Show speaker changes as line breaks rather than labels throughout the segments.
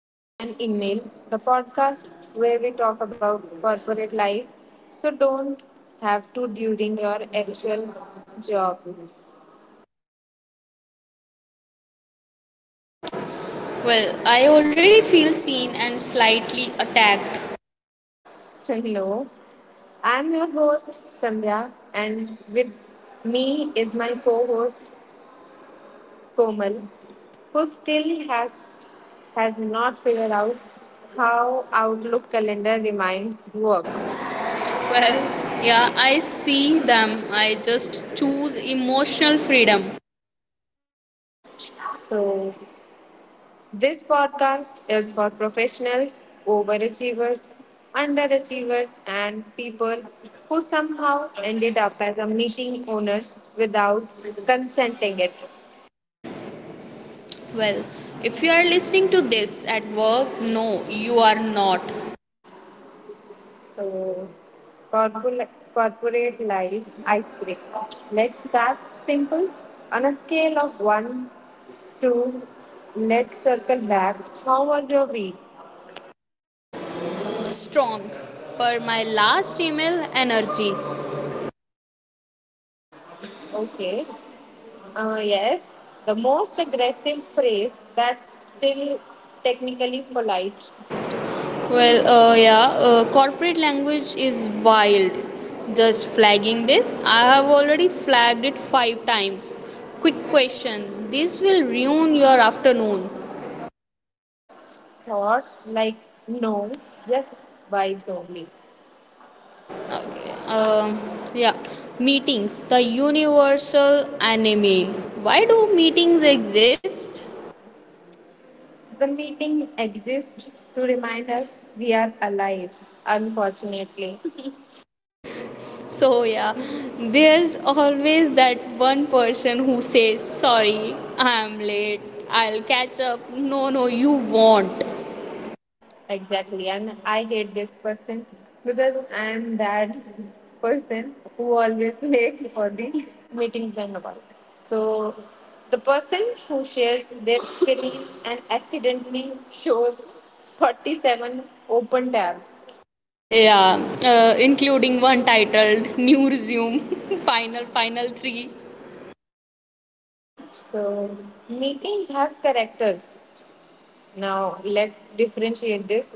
been an email, the podcast where we talk about corporate life. So don't have to during your actual job.
Well, I already feel seen and slightly attacked.
Hello. I'm your host Sandhya and with me is my co-host Komal who still has not figured out how Outlook calendar reminds work.
Well, yeah, I see them. I just choose emotional freedom.
So, this podcast is for professionals, overachievers, underachievers, and people who somehow ended up as a meeting owners without consenting it.
Well, if you are listening to this at work, no, you are not.
So, corporate life icebreaker. Let's start simple. On a scale of 1 to let's circle back, how was your week?
Strong. Per my last email, energy.
Okay. Yes, the most aggressive phrase that's still technically polite.
Corporate language is wild. Just flagging this, I have already flagged it five times. Quick question this will ruin your afternoon.
Thoughts like no, just vibes only.
Okay. Yeah. Meetings. The universal enemy. Why do meetings exist?
The meeting exists to remind us we are alive, unfortunately.
So yeah, there's always that one person who says, "Sorry, I'm late. I'll catch up." No, no, you won't.
Exactly. And I hate this person because I am that person who always late for the meetings and all. So the person who shares their screen and accidentally shows 47 open tabs.
Yeah, including one titled "New Resume." Final, final three.
So meetings have characters. Now let's differentiate this.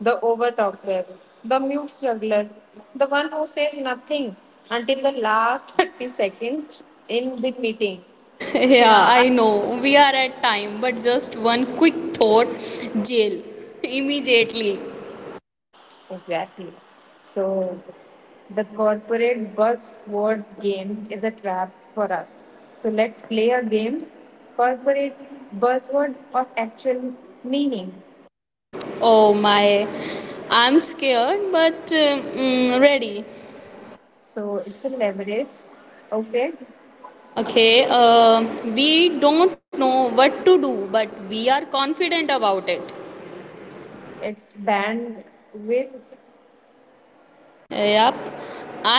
The overtalker, the mute struggler, the one who says nothing until the last 30 seconds in the meeting.
Yeah,
Yeah.
I know we are at time, but just one quick thought: jail immediately.
Exactly. So the corporate buzzwords game is a trap for us. So let's play a game, corporate buzzword of actual meaning.
Oh my, I'm scared but ready.
So it's a leverage. Okay.
Okay, we don't know what to do, but we are confident about it.
It's bandwidth.
Yep,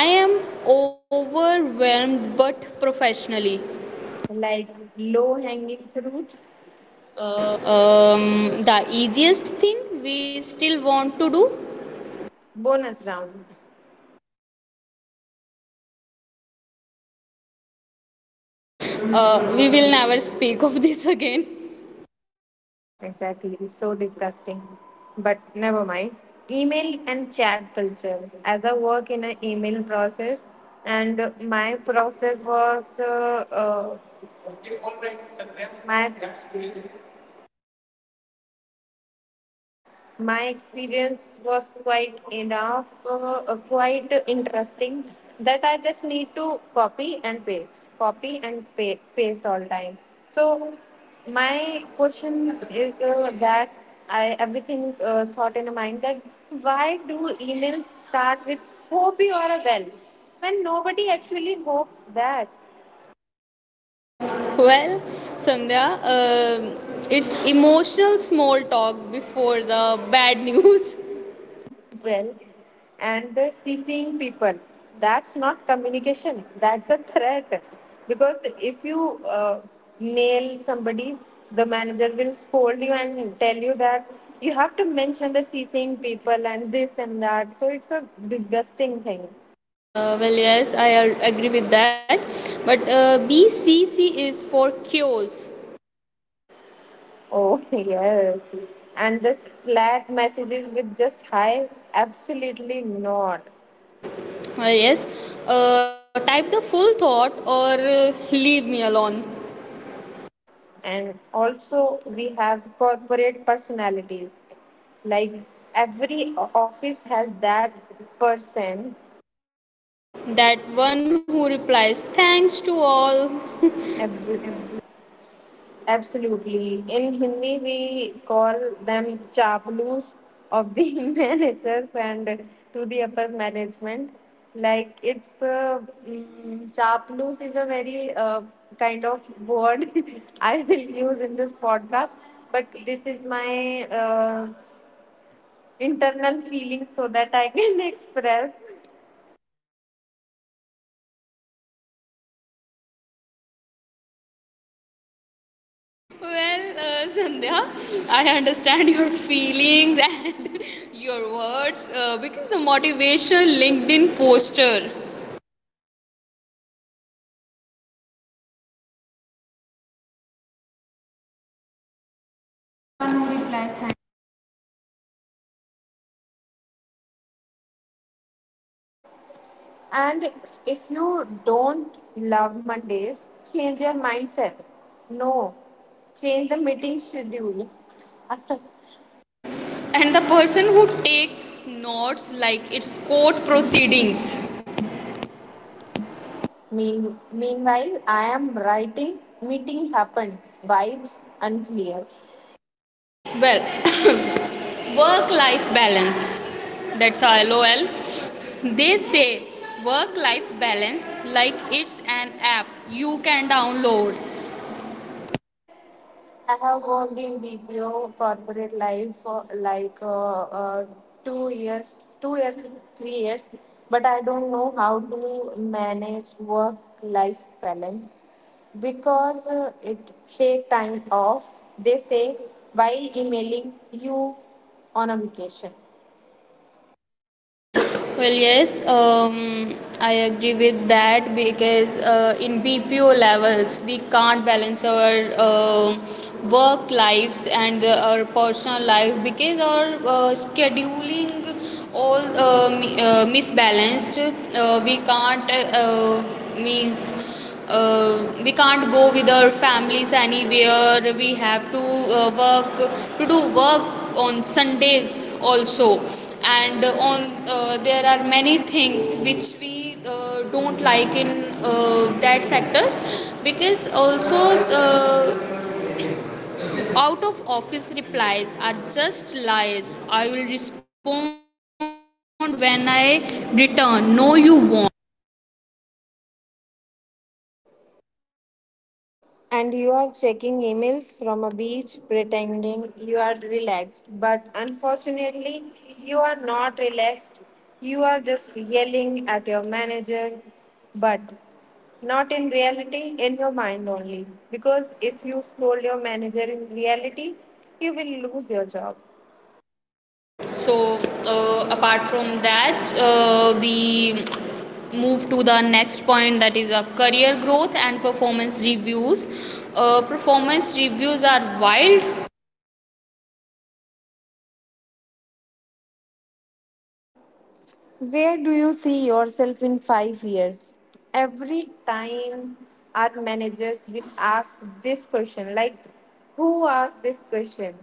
I am overwhelmed but professionally.
Like low hanging fruit,
The easiest thing we still want to do,
bonus round.
we will never speak of this again.
Exactly. So disgusting. But never mind. Email and chat culture. As I work in an email process, and my process was my My experience was quite enough, quite interesting that I just need to copy and paste, paste all time. So my question is that I everything thought in mind that why do emails start with hope you are well when nobody actually hopes that.
Well, Sandhya, it's emotional small talk before the bad news.
Well, and the CCing people. That's not communication, that's a threat. Because if you nail somebody, the manager will scold you and tell you that you have to mention the CCing people and this and that. So it's a disgusting thing.
Well, yes, I agree with that. But BCC is for cures.
Oh, yes. And the Slack messages with just hi? Absolutely not.
Yes, type the full thought or leave me alone.
And also, we have corporate personalities. Like every office has that person.
That one who replies, thanks to all.
Ab- absolutely. In Hindi, we call them chaplus of the managers and to the upper management. Like it's a chaplus is a very kind of word I will use in this podcast. But this is my internal feeling so that I can express.
Well, Sandhya, I understand your feelings and your words because the motivation LinkedIn poster. The one who replies thank.
And if you don't love Mondays, change your mindset. No, change the meeting schedule.
And the person who takes notes like it's court proceedings.
Meanwhile, I am writing, meeting happened, vibes unclear.
Well, work life balance. That's LOL. They say work life balance like it's an app you can download.
I have worked in BPO corporate life for like two years, 3 years, but I don't know how to manage work life balance because it take time off. They say while emailing you on a vacation.
Well, yes, I agree with that because in BPO levels we can't balance our work lives and our personal life because our scheduling all misbalanced. We can't means we can't go with our families anywhere. We have to work to do work on Sundays also, and on there are many things which we don't like in that sectors, because also uh, out of office replies are just lies. I will respond when I return. No, you won't.
And you are checking emails from a beach, pretending you are relaxed. But unfortunately, you are not relaxed. You are just yelling at your manager, but not in reality, in your mind only. Because if you scold your manager in reality, you will lose your job.
So, apart from that, we move to the next point, that is a career growth and performance reviews. Performance reviews are wild.
Where do you see yourself in 5 years? Every time our managers will ask this question, like, who asked this question?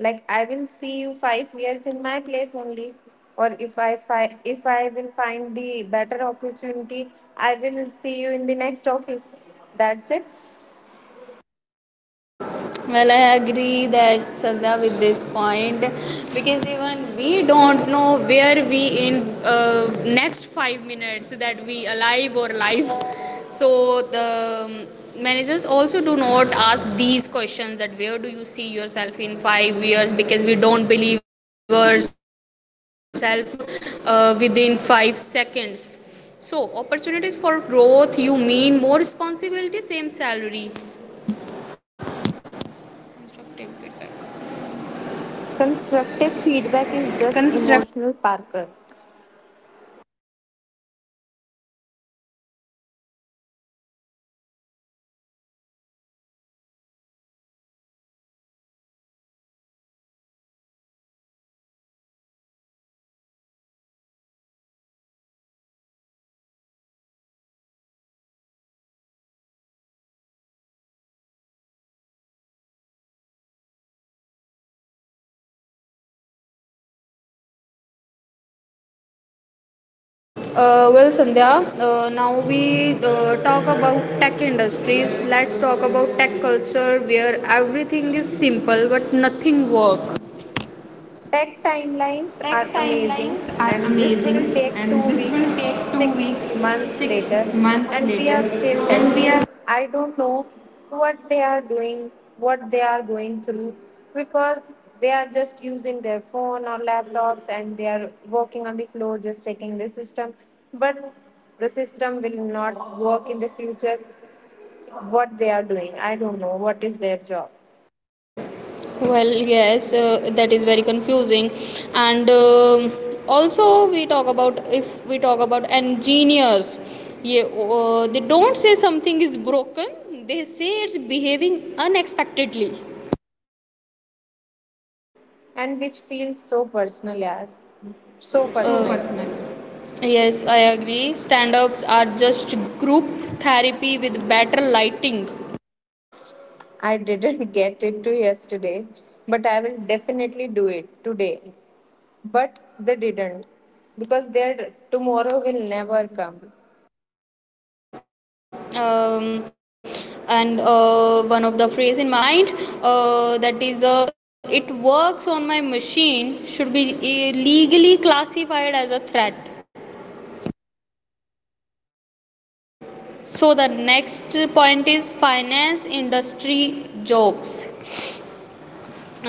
Like, I will see you 5 years in my place only. Or if I will find the better opportunity, I will see you in the next office. That's it.
Well, I agree that, Sandhya, with this point, because even we don't know where we in next 5 minutes that we alive or live. So the managers also do not ask these questions that where do you see yourself in 5 years, because we don't believe ourselves within 5 seconds. So opportunities for growth, you mean more responsibility, same salary.
Constructive feedback is just emotional Parker.
Well, Sandhya, now we talk about tech industries. Let's talk about tech culture where everything is simple but nothing works.
Tech timelines are
Tech
amazing,
timelines are
and this will
amazing,
take two
and this will
weeks,
take two
six
weeks,
months
six
later,
months
and we are
later,
still
and
testing.
we are.
I don't know what they are doing, what they are going through, because they are just using their phone or laptops and they are working on the floor, just checking the system. But the system will not work in the future. What they are doing, I don't know. What is their job?
Well, yes, that is very confusing. And also, we talk about if we talk about engineers, yeah, they don't say something is broken, they say it's behaving unexpectedly.
And which feels so personal, yeah. So
So
personal.
personal. Yes, I agree. Stand ups are just group therapy with better lighting.
I didn't get it to yesterday, but I will definitely do it today. But they didn't because their tomorrow will never come.
Um, and One of the phrase in my mind that is it works on my machine should be legally classified as a threat. So the next point is finance industry jokes.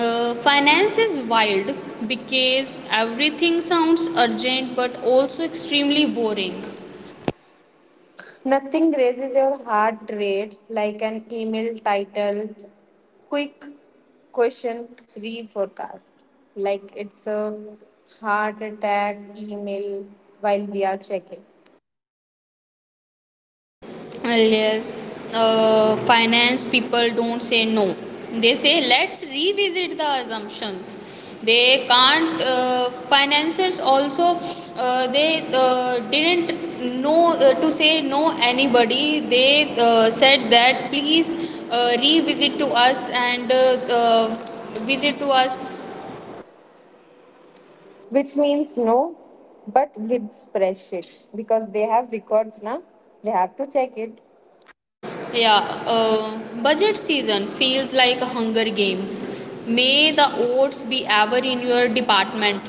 Finance is wild, because everything sounds urgent but also extremely boring.
Nothing raises your heart rate like an email title, quick question reforecast. Like it's a heart attack email while we are checking.
Well, yes, finance people don't say no, they say let's revisit the assumptions. They can't financiers also they didn't know to say no anybody. They said that please revisit to us and uh, visit to us.
Which means no, but with spreadsheets because they have records now, they have to check it.
Yeah, budget season feels like a hunger games. May the oats be ever in your department.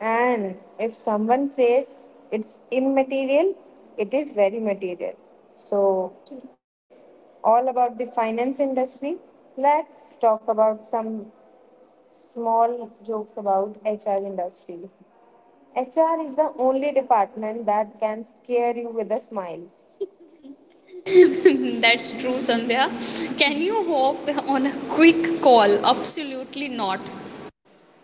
And if someone says it's immaterial, it is very material. So it's all about the finance industry. Let's talk about some small jokes about HR industry. HR is the only department that can scare you with a smile.
That's true, Sandhya. Can you hop on a quick call? Absolutely not.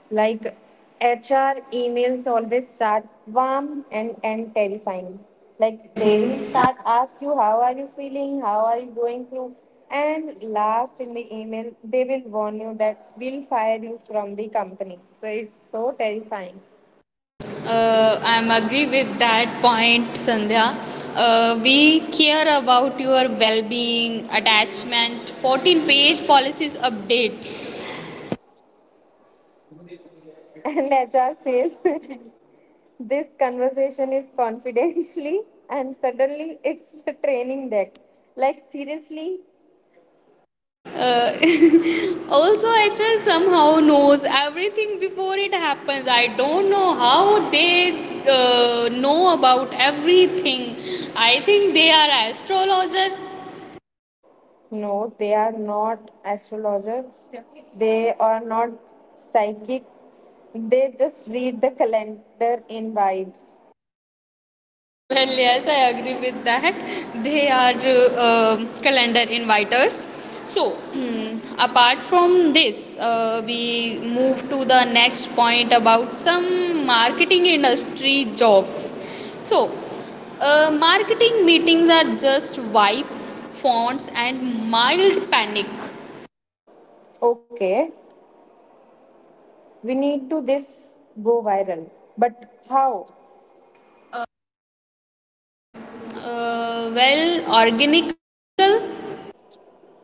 Like HR emails always start warm and end terrifying. Like they will
They will
start
start.
ask you how are you feeling, how are you going through, and last in the email they will warn you that we'll fire you from the company. So it's so terrifying.
I'm agree with that point, Sandhya. We care about your well-being, attachment. 14-page policies update.
And HR says this conversation is confidentially, and suddenly it's a training deck. Like seriously,
Uh, also, HR somehow knows everything before it happens. I don't know how they know about everything. I think they are astrologer.
no, they are not astrologer. They are not psychic. They just read the calendar invites.
Well, yes, I agree with that. They are calendar inviters. So, hmm, apart from this, we move to the next point about some marketing industry jokes. So, marketing meetings are just vibes, fonts, and mild panic.
Okay, we need to this go viral. But how?
Well, organical.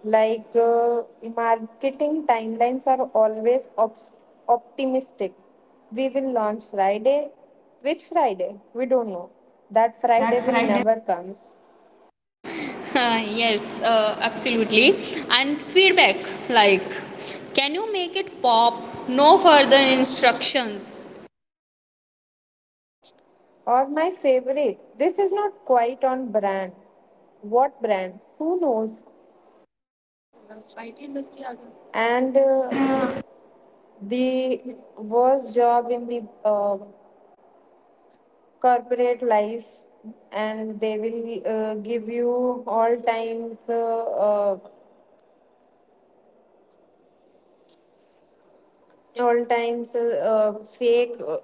Like marketing timelines are always optimistic. We will launch Friday. Which Friday? We don't know. That Friday
That
will
fried.
never comes.
Yes, absolutely. And feedback like, can you make it pop? No further instructions.
Or my favorite, this is not quite on brand. What brand? Who knows? And
And
the worst job in the corporate life, and they will give you all times fake.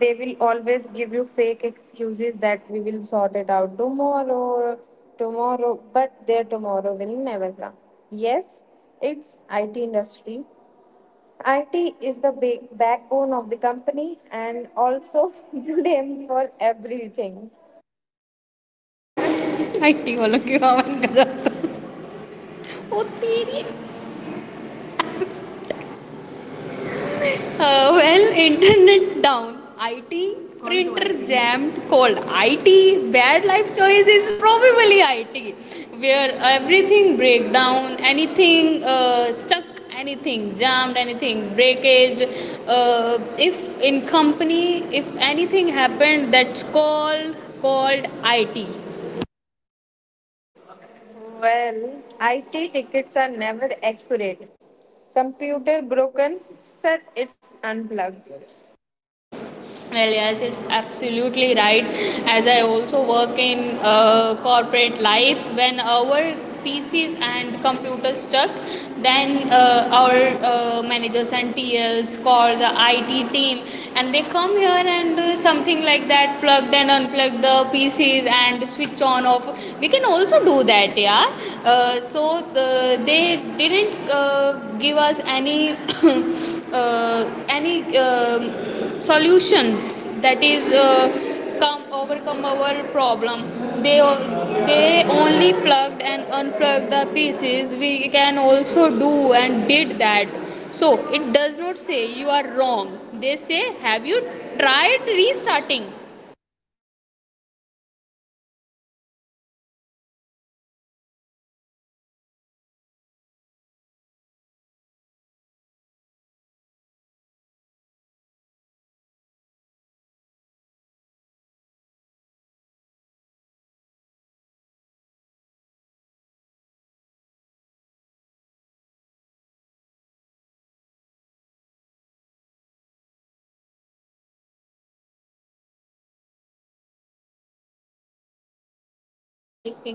They will always give you fake excuses that we will sort it out tomorrow, but their tomorrow will never come. Yes, it's IT industry. IT is the backbone of the company and also blamed for everything.
Active वालों की आवाज गलत होती नहीं well internet down IT printer jammed cold it bad life choice is probably it, where everything break down, anything stuck, anything jammed, anything breakage, if in company, if anything happened, that's called it.
Well, IT tickets are never accurate. Computer broken, sir, it's unplugged.
Well, yes, it's absolutely right. As I also work in corporate life, when our PCs and computers stuck, then our managers and TLs call the IT team, and they come here and something like that, plugged and unplugged the PCs and switch on off. We can also do that, yeah. So they didn't give us any any solution that is come overcome our problem. They they only plugged and unplugged the pieces. We can also do and did that. So it does not say you are wrong, they say have you tried restarting.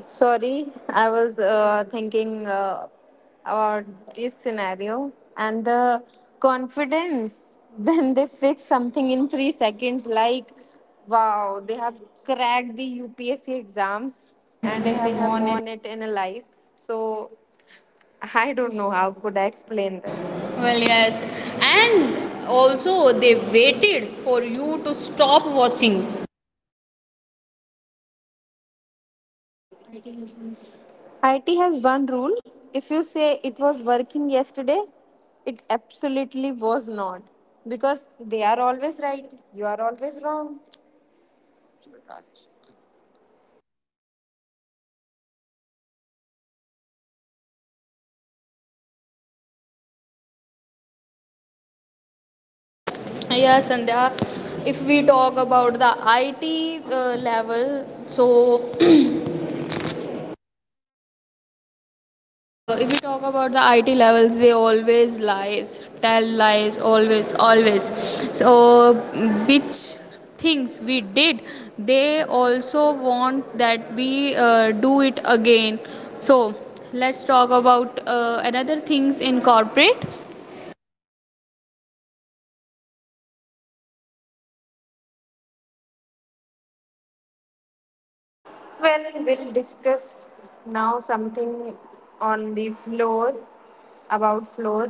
Sorry, I was thinking about this scenario and the confidence when they fix something in 3 seconds. Like, wow, they have cracked the UPSC exams
And
and
they
they
have
have
won it.
won it in a life. So, I don't know how could I explain this.
Well, yes. And also, they waited for you to stop watching.
IT has one rule. If you say it was working yesterday, it absolutely was not. Because they are always right, you are always wrong.
Yeah, Sandhya. If we talk about the IT level, so if we talk about the IT levels, they always lies, tell lies, always, always. So which things we did, they also want that we do it again. So let's talk about another things in corporate.
Well, we'll discuss now something on the floor, about floor,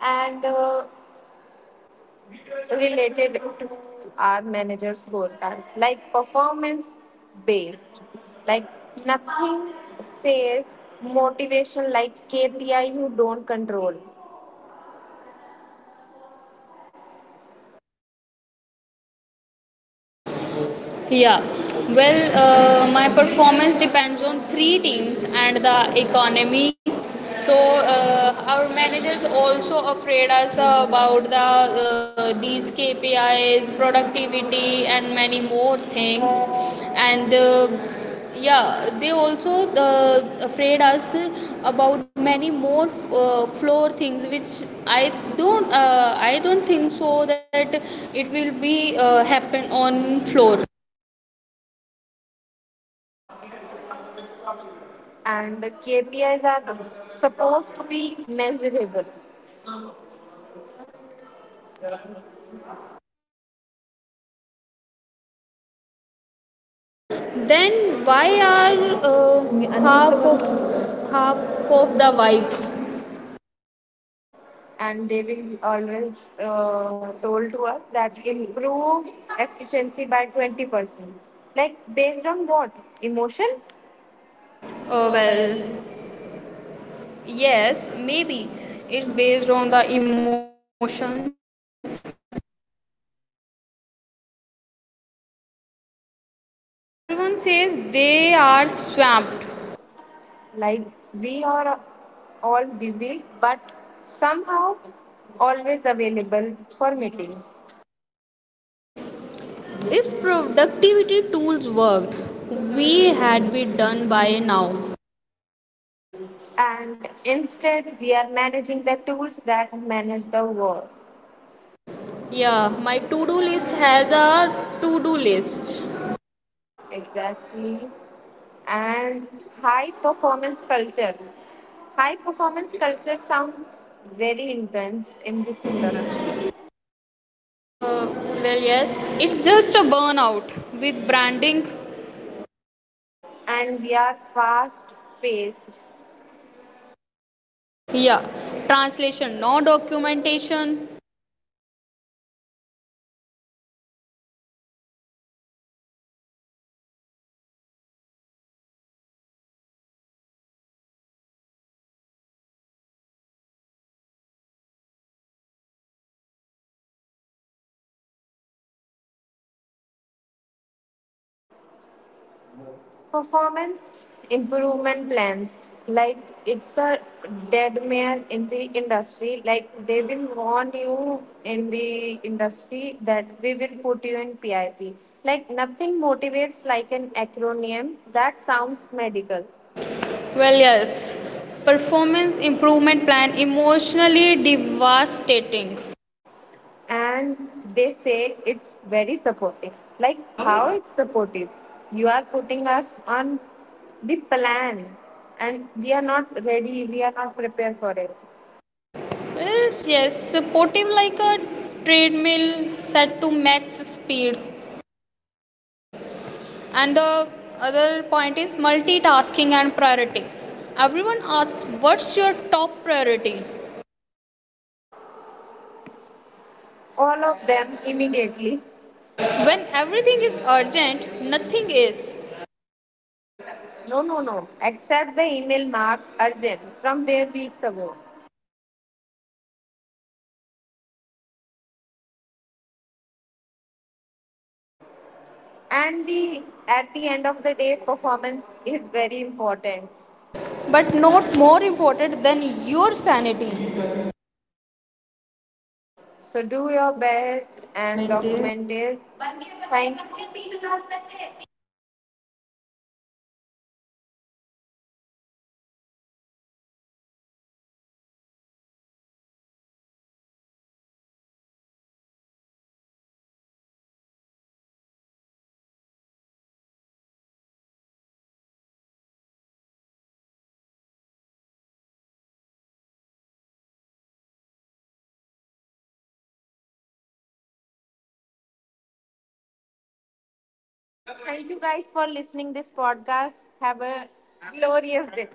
and related to our manager's scorecards, like performance based. Like nothing says motivation like KPI you don't control.
Yeah. Well, my performance depends on 3 teams and the economy. So our managers also afraid us about the these KPIs, productivity, and many more things. And yeah, they also afraid us about many more floor things, which I don't think so that it will be happen on floor.
And the KPIs are supposed to be measurable,
Then why are uh, half of half of the vibes?
and they will always told to us that improve efficiency by 20%. Like based on what emotion? Oh
Well,
well.
yes, maybe it's based on the emotions. Well, there is a productivity myth. Everyone says they are swamped.
Like we are all busy, but somehow always available for meetings.
If productivity tools worked, we had been done by now.
And instead, we are managing the tools that manage the work.
Yeah, my to-do list has a to-do list.
Exactly. And high performance culture. High performance culture sounds very intense in this industry.
Uh, well, yes, it's just a burnout with branding.
And we are fast paced.
Yeah, translation, no documentation.
Performance improvement plans. Like it's a dead mare in the industry. Like they will warn you in the industry that we will put you in PIP. Like nothing motivates like an acronym that sounds medical.
Well, yes, performance improvement plan, emotionally devastating.
And they say it's very supportive. Like
How
how
it's.
it's supportive. You are putting us on the plan and we are not ready, we are not prepared for it.
Yes, yes, supportive like a treadmill set to max speed. And the other point is multitasking and priorities. Everyone asks, what's your top priority?
All of them immediately.
When everything is urgent, nothing is.
No. Accept the email mark urgent from their weeks ago. And the at the end of the day, performance is very important.
But not more important than your sanity.
So do your best and
Undocumented.
document this. Thank Thank you guys for listening this podcast. Have a glorious day.